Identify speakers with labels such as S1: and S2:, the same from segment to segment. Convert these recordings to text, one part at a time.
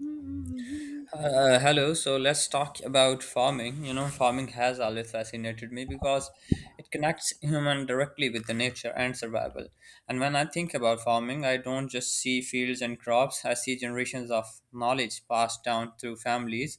S1: Mhm.
S2: Hello. So let's talk about farming. You know, farming has always fascinated me because it connects human directly with the nature and survival. And when I think about farming, I don't just see fields and crops. I see generations of knowledge passed down through families.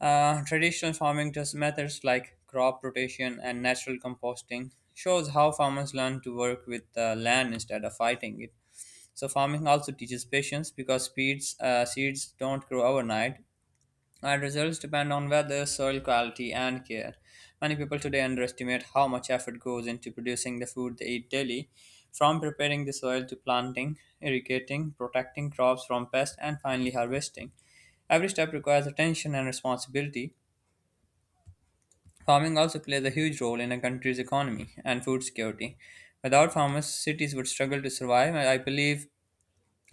S2: Traditional farming just methods like crop rotation and natural composting shows how farmers learn to work with the land instead of fighting it. So farming also teaches patience because seeds don't grow overnight and results depend on weather, soil quality, and care. Many people today underestimate how much effort goes into producing the food they eat daily, from preparing the soil to planting, irrigating, protecting crops from pests, and finally harvesting. Every step requires attention and responsibility. Farming also plays a huge role in a country's economy and food security. Without farmers, cities would struggle to survive, and I believe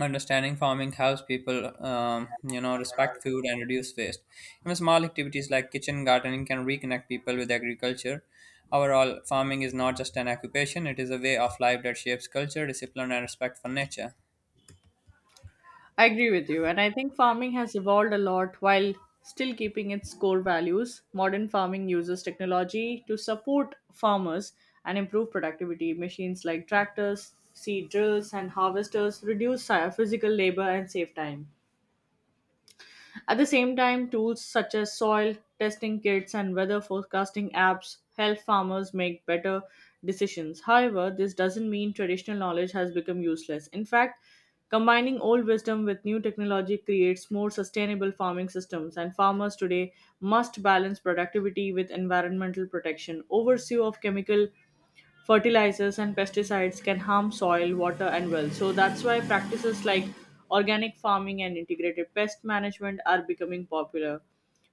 S2: understanding farming helps people, respect food and reduce waste. Even small activities like kitchen gardening can reconnect people with agriculture. Overall, farming is not just an occupation; it is a way of life that shapes culture, discipline, and respect for nature.
S1: I agree with you, and I think farming has evolved a lot while still keeping its core values. Modern farming uses technology to support farmers and improve productivity. Machines like tractors, seed drills, and harvesters reduce physical labor and save time. At the same time, tools such as soil testing kits and weather forecasting apps help farmers make better decisions. However, this doesn't mean traditional knowledge has become useless. In fact, combining old wisdom with new technology creates more sustainable farming systems, and farmers today must balance productivity with environmental protection. Oversee of chemical fertilizers and pesticides can harm soil, water, and wells. So that's why practices like organic farming and integrated pest management are becoming popular.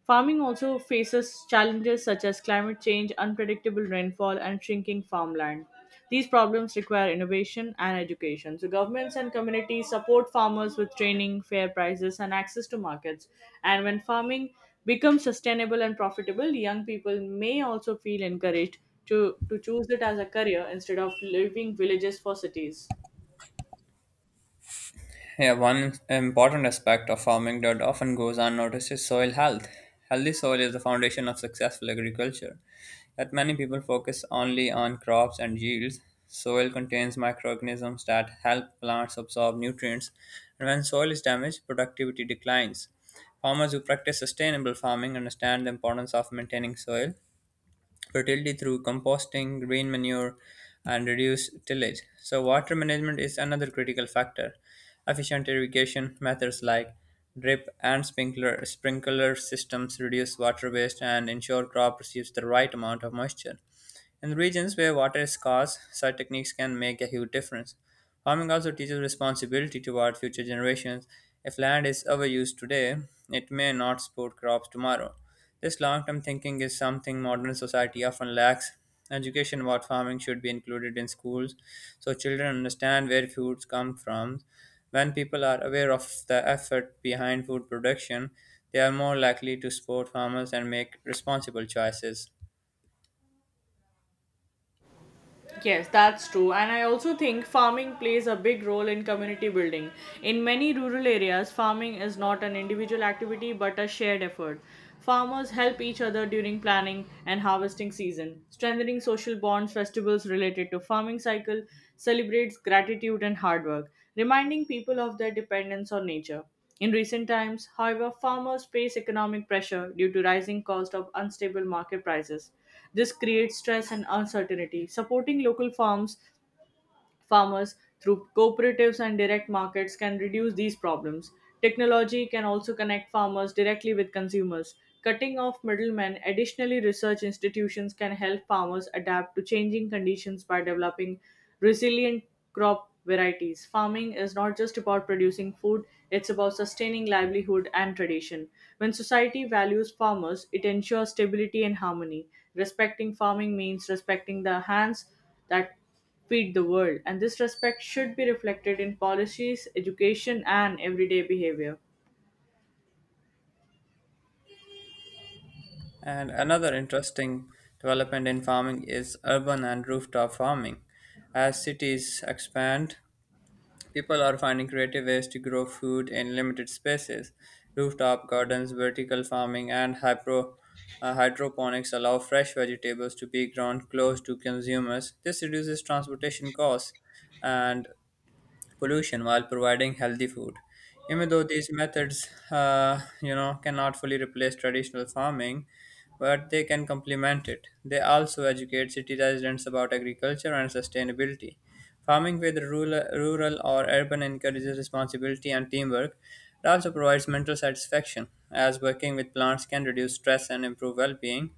S1: Farming also faces challenges such as climate change, unpredictable rainfall, and shrinking farmland. These problems require innovation and education. So, governments and communities support farmers with training, fair prices, and access to markets. And when farming becomes sustainable and profitable, young people may also feel encouraged to choose it as a career instead of leaving villages for cities.
S2: Yeah, one important aspect of farming that often goes unnoticed is soil health. Healthy soil is the foundation of successful agriculture. Yet many people focus only on crops and yields. Soil contains microorganisms that help plants absorb nutrients, and when soil is damaged, productivity declines. Farmers who practice sustainable farming understand the importance of maintaining soil fertility through composting, rain manure, and reduced tillage. So, water management is another critical factor. Efficient irrigation methods like drip and sprinkler systems reduce water waste and ensure crop receives the right amount of moisture. In regions where water is scarce, such techniques can make a huge difference. Farming also teaches responsibility toward future generations. If land is overused today, it may not support crops tomorrow. This long term thinking is something modern society often lacks. Education about farming should be included in schools so children understand where foods come from. When people are aware of the effort behind food production, they are more likely to support farmers and make responsible choices.
S1: Yes, that's true. And I also think farming plays a big role in community building. In many rural areas, farming is not an individual activity but a shared effort. Farmers help each other during planning and harvesting season, strengthening social bonds. Festivals related to farming cycle celebrates gratitude and hard work, reminding people of their dependence on nature. In recent times, however, farmers face economic pressure due to rising cost of unstable market prices. This creates stress and uncertainty. Supporting local farms farmers, through cooperatives and direct markets, can reduce these problems. Technology can also connect farmers directly with consumers. Cutting off middlemen, additionally, research institutions can help farmers adapt to changing conditions by developing resilient crop varieties. Farming is not just about producing food, it's about sustaining livelihood and tradition. When society values farmers, it ensures stability and harmony. Respecting farming means respecting the hands that feed the world, and this respect should be reflected in policies, education, and everyday behavior.
S2: And another interesting development in farming is urban and rooftop farming. As cities expand, people are finding creative ways to grow food in limited spaces. Rooftop gardens, vertical farming, and hydroponics allow fresh vegetables to be grown close to consumers. This reduces transportation costs and pollution while providing healthy food. Even though these methods cannot fully replace traditional farming, but they can complement it. They also educate city residents about agriculture and sustainability. Farming, whether rural or urban, encourages responsibility and teamwork. It also provides mental satisfaction, as working with plants can reduce stress and improve well-being.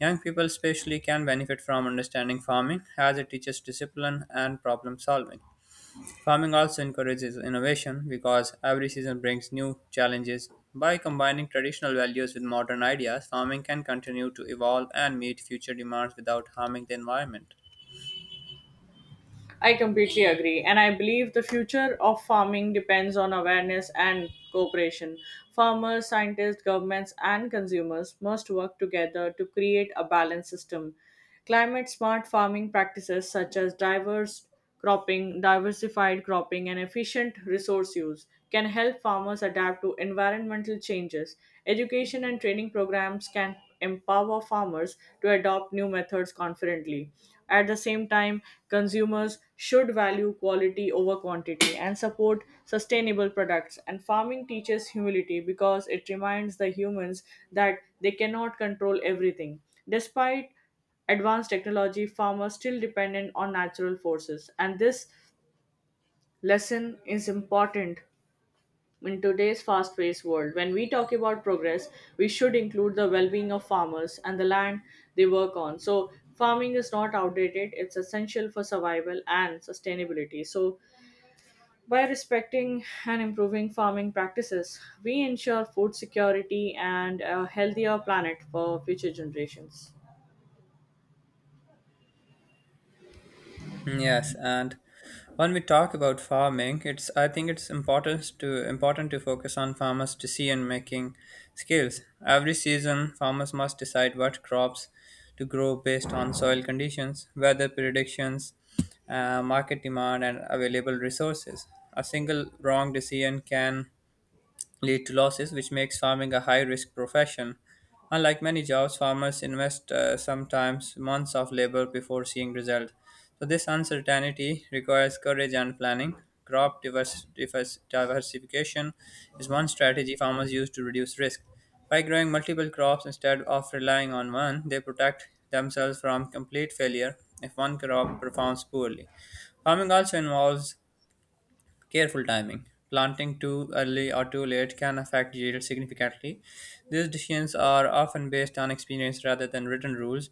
S2: Young people, especially, can benefit from understanding farming, as it teaches discipline and problem solving. Farming also encourages innovation because every season brings new challenges. By combining traditional values with modern ideas, farming can continue to evolve and meet future demands without harming the environment.
S1: I completely agree, and I believe the future of farming depends on awareness and cooperation. Farmers, scientists, governments, and consumers must work together to create a balanced system. Climate smart farming practices such as diverse cropping, diversified cropping, and efficient resource use can help farmers adapt to environmental changes. Education and training programs can empower farmers to adopt new methods confidently. At the same time, consumers should value quality over quantity and support sustainable products. And farming teaches humility because it reminds the humans that they cannot control everything. Despite advanced technology, farmers still dependent on natural forces. And this lesson is important in today's fast paced world. When we talk about progress, we should include the well being of farmers and the land they work on. So, farming is not outdated, it's essential for survival and sustainability. So, by respecting and improving farming practices, we ensure food security and a healthier planet for future generations.
S2: Yes, and when we talk about farming, it's I think it's important to important to focus on farmers' decision making skills. Every season, farmers must decide what crops to grow based on soil conditions, weather predictions, market demand, and available resources. A single wrong decision can lead to losses, which makes farming a high risk profession. Unlike many jobs, farmers invest sometimes months of labor before seeing result. So this uncertainty requires courage and planning. Crop diversification is one strategy farmers use to reduce risk. By growing multiple crops instead of relying on one, they protect themselves from complete failure if one crop performs poorly. Farming also involves careful timing. Planting too early or too late can affect yield significantly. These decisions are often based on experience rather than written rules.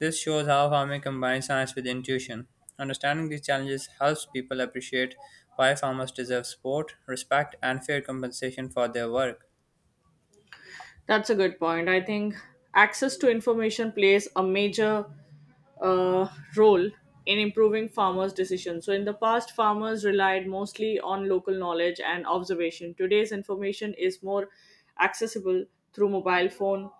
S2: This shows how farming combines science with intuition. Understanding these challenges helps people appreciate why farmers deserve support, respect, and fair compensation for their work.
S1: That's a good point. I think access to information plays a major uh, role in improving farmers' decisions. So, in the past, farmers relied mostly on local knowledge and observation. Today's information is more accessible through mobile phone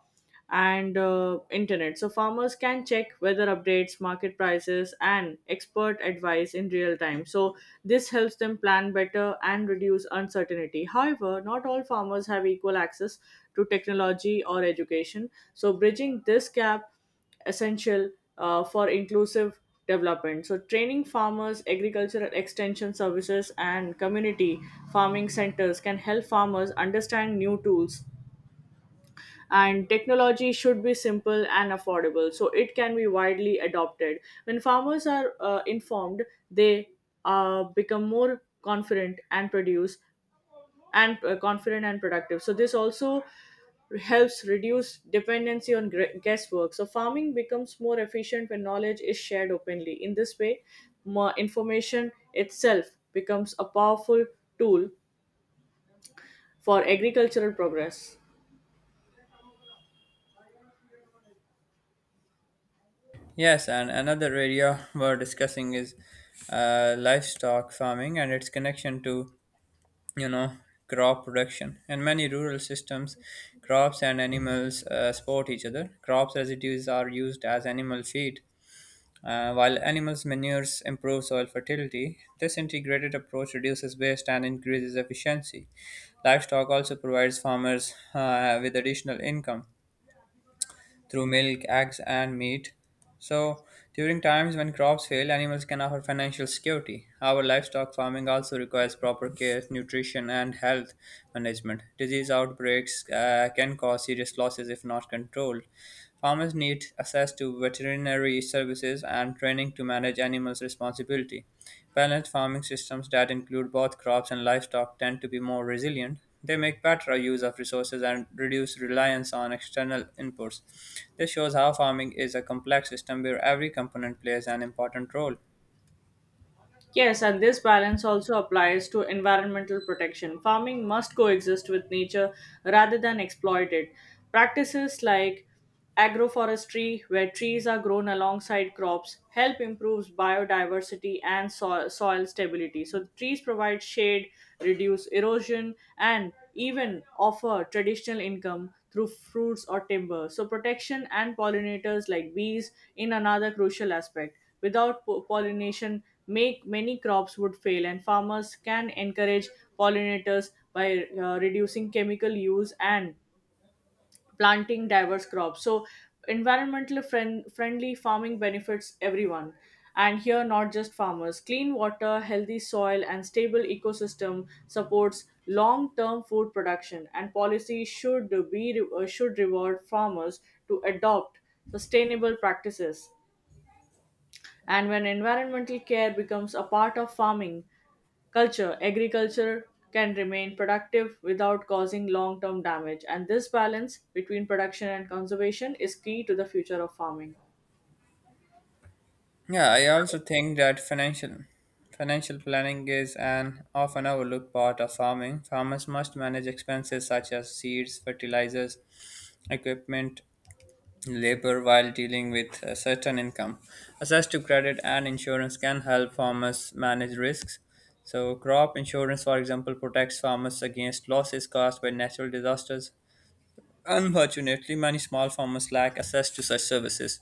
S1: and internet. So farmers can check weather updates, market prices, and expert advice in real time. So this helps them plan better and reduce uncertainty. However, not all farmers have equal access to technology or education. So bridging this gap essential for inclusive development. So training farmers, agricultural extension services, and community farming centers can help farmers understand new tools, and technology should be simple and affordable so it can be widely adopted. When farmers are informed, they become more confident and produce, and confident and productive, so this also helps reduce dependency on guesswork. So farming becomes more efficient when knowledge is shared openly. In this way, more information itself becomes a powerful tool for agricultural progress.
S2: Yes, and another area we're discussing is livestock farming and its connection to, you know, crop production. In many rural systems crops and animals support each other. Crops residues are used as animal feed, while animals manures improve soil fertility. This integrated approach reduces waste and increases efficiency. Livestock also provides farmers with additional income through milk, eggs, and meat. So, during times when crops fail, animals can offer financial security. However, livestock farming also requires proper care, nutrition, and health management. Disease outbreaks can cause serious losses if not controlled. Farmers need access to veterinary services and training to manage animals responsibly. Balanced farming systems that include both crops and livestock tend to be more resilient. They make better use of resources and reduce reliance on external inputs. This shows how farming is a complex system where every component plays an important role.
S1: Yes, and this balance also applies to environmental protection. Farming must coexist with nature rather than exploit it. Practices like agroforestry, where trees are grown alongside crops, help improve biodiversity and soil stability. So, trees provide shade, reduce erosion, and even offer traditional income through fruits or timber. So, protection and pollinators like bees in another crucial aspect. Without pollination, make many crops would fail, and farmers can encourage pollinators by reducing chemical use and planting diverse crops. So, environmentally friendly farming benefits everyone, and here not just farmers. Clean water, healthy soil, and stable ecosystem supports long term food production, and policy should be, should reward farmers to adopt sustainable practices. And when environmental care becomes a part of farming culture, agriculture can remain productive without causing long term damage. And this balance between production and conservation is key to the future of farming.
S2: Yeah, I also think that financial planning is an often overlooked part of farming. Farmers must manage expenses such as seeds, fertilizers, equipment, labor while dealing with a certain income. Access to credit and insurance can help farmers manage risks. So crop insurance, for example, protects farmers against losses caused by natural disasters. Unfortunately, many small farmers lack access to such services.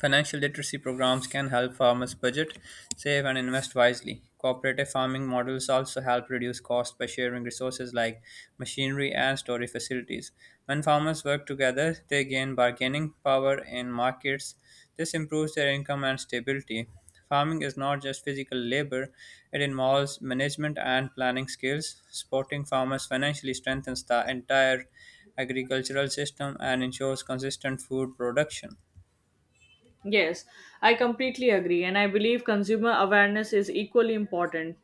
S2: Financial literacy programs can help farmers budget, save, and invest wisely. Cooperative farming models also help reduce costs by sharing resources like machinery and storage facilities. When farmers work together, they gain bargaining power in markets. This improves their income and stability. Farming is not just physical labor, it involves management and planning skills. Supporting farmers financially strengthens the entire agricultural system and ensures consistent food production.
S1: Yes, I completely agree, and I believe consumer awareness is equally important.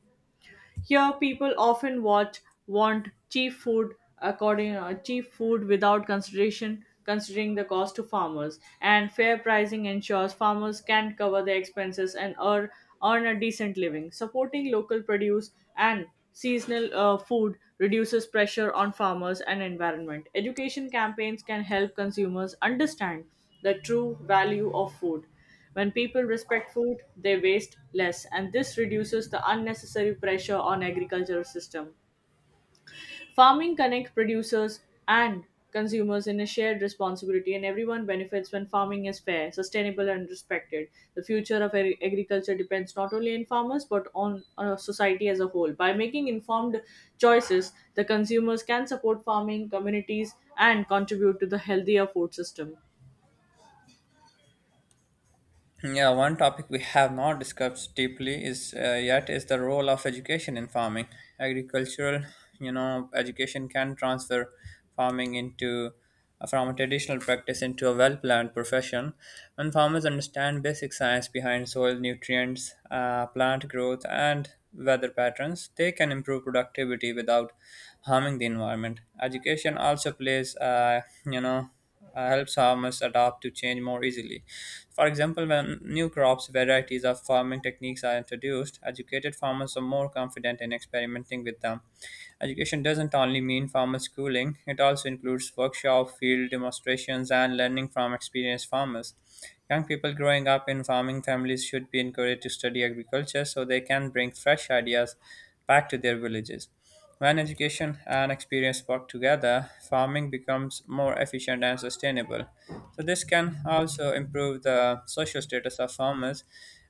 S1: Here, people often watch want cheap food according, cheap food without consideration considering the cost to farmers. And fair pricing ensures farmers can cover their expenses and earn a decent living. Supporting local produce and seasonal food reduces pressure on farmers and environment. Education campaigns can help consumers understand the true value of food. When people respect food, they waste less, and this reduces the unnecessary pressure on agricultural system. Farming connects producers and consumers in a shared responsibility, and everyone benefits when farming is fair, sustainable, and respected. The future of agriculture depends not only on farmers but on society as a whole. By making informed choices, the consumers can support farming communities and contribute to the healthier food system.
S2: Yeah, one topic we have not discussed deeply is yet is the role of education in farming. Agricultural, you know, education can transfer farming into from a traditional practice into a well-planned profession. When farmers understand basic science behind soil nutrients, plant growth, and weather patterns, they can improve productivity without harming the environment. Education also helps farmers adapt to change more easily. For example, when new crops, varieties of farming techniques are introduced, educated farmers are more confident in experimenting with them. Education doesn't only mean farmer schooling, it also includes workshops, field demonstrations, and learning from experienced farmers. Young people growing up in farming families should be encouraged to study agriculture so they can bring fresh ideas back to their villages. When education and experience work together, farming becomes more efficient and sustainable. So, this can also improve the social status of farmers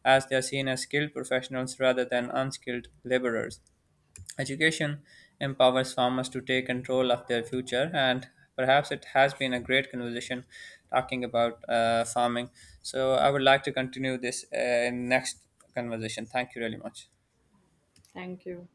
S2: as they are seen as skilled professionals rather than unskilled laborers. Education empowers farmers to take control of their future, and perhaps it has been a great conversation talking about farming. So, I would like to continue this in next conversation. Thank you really much.
S1: Thank you.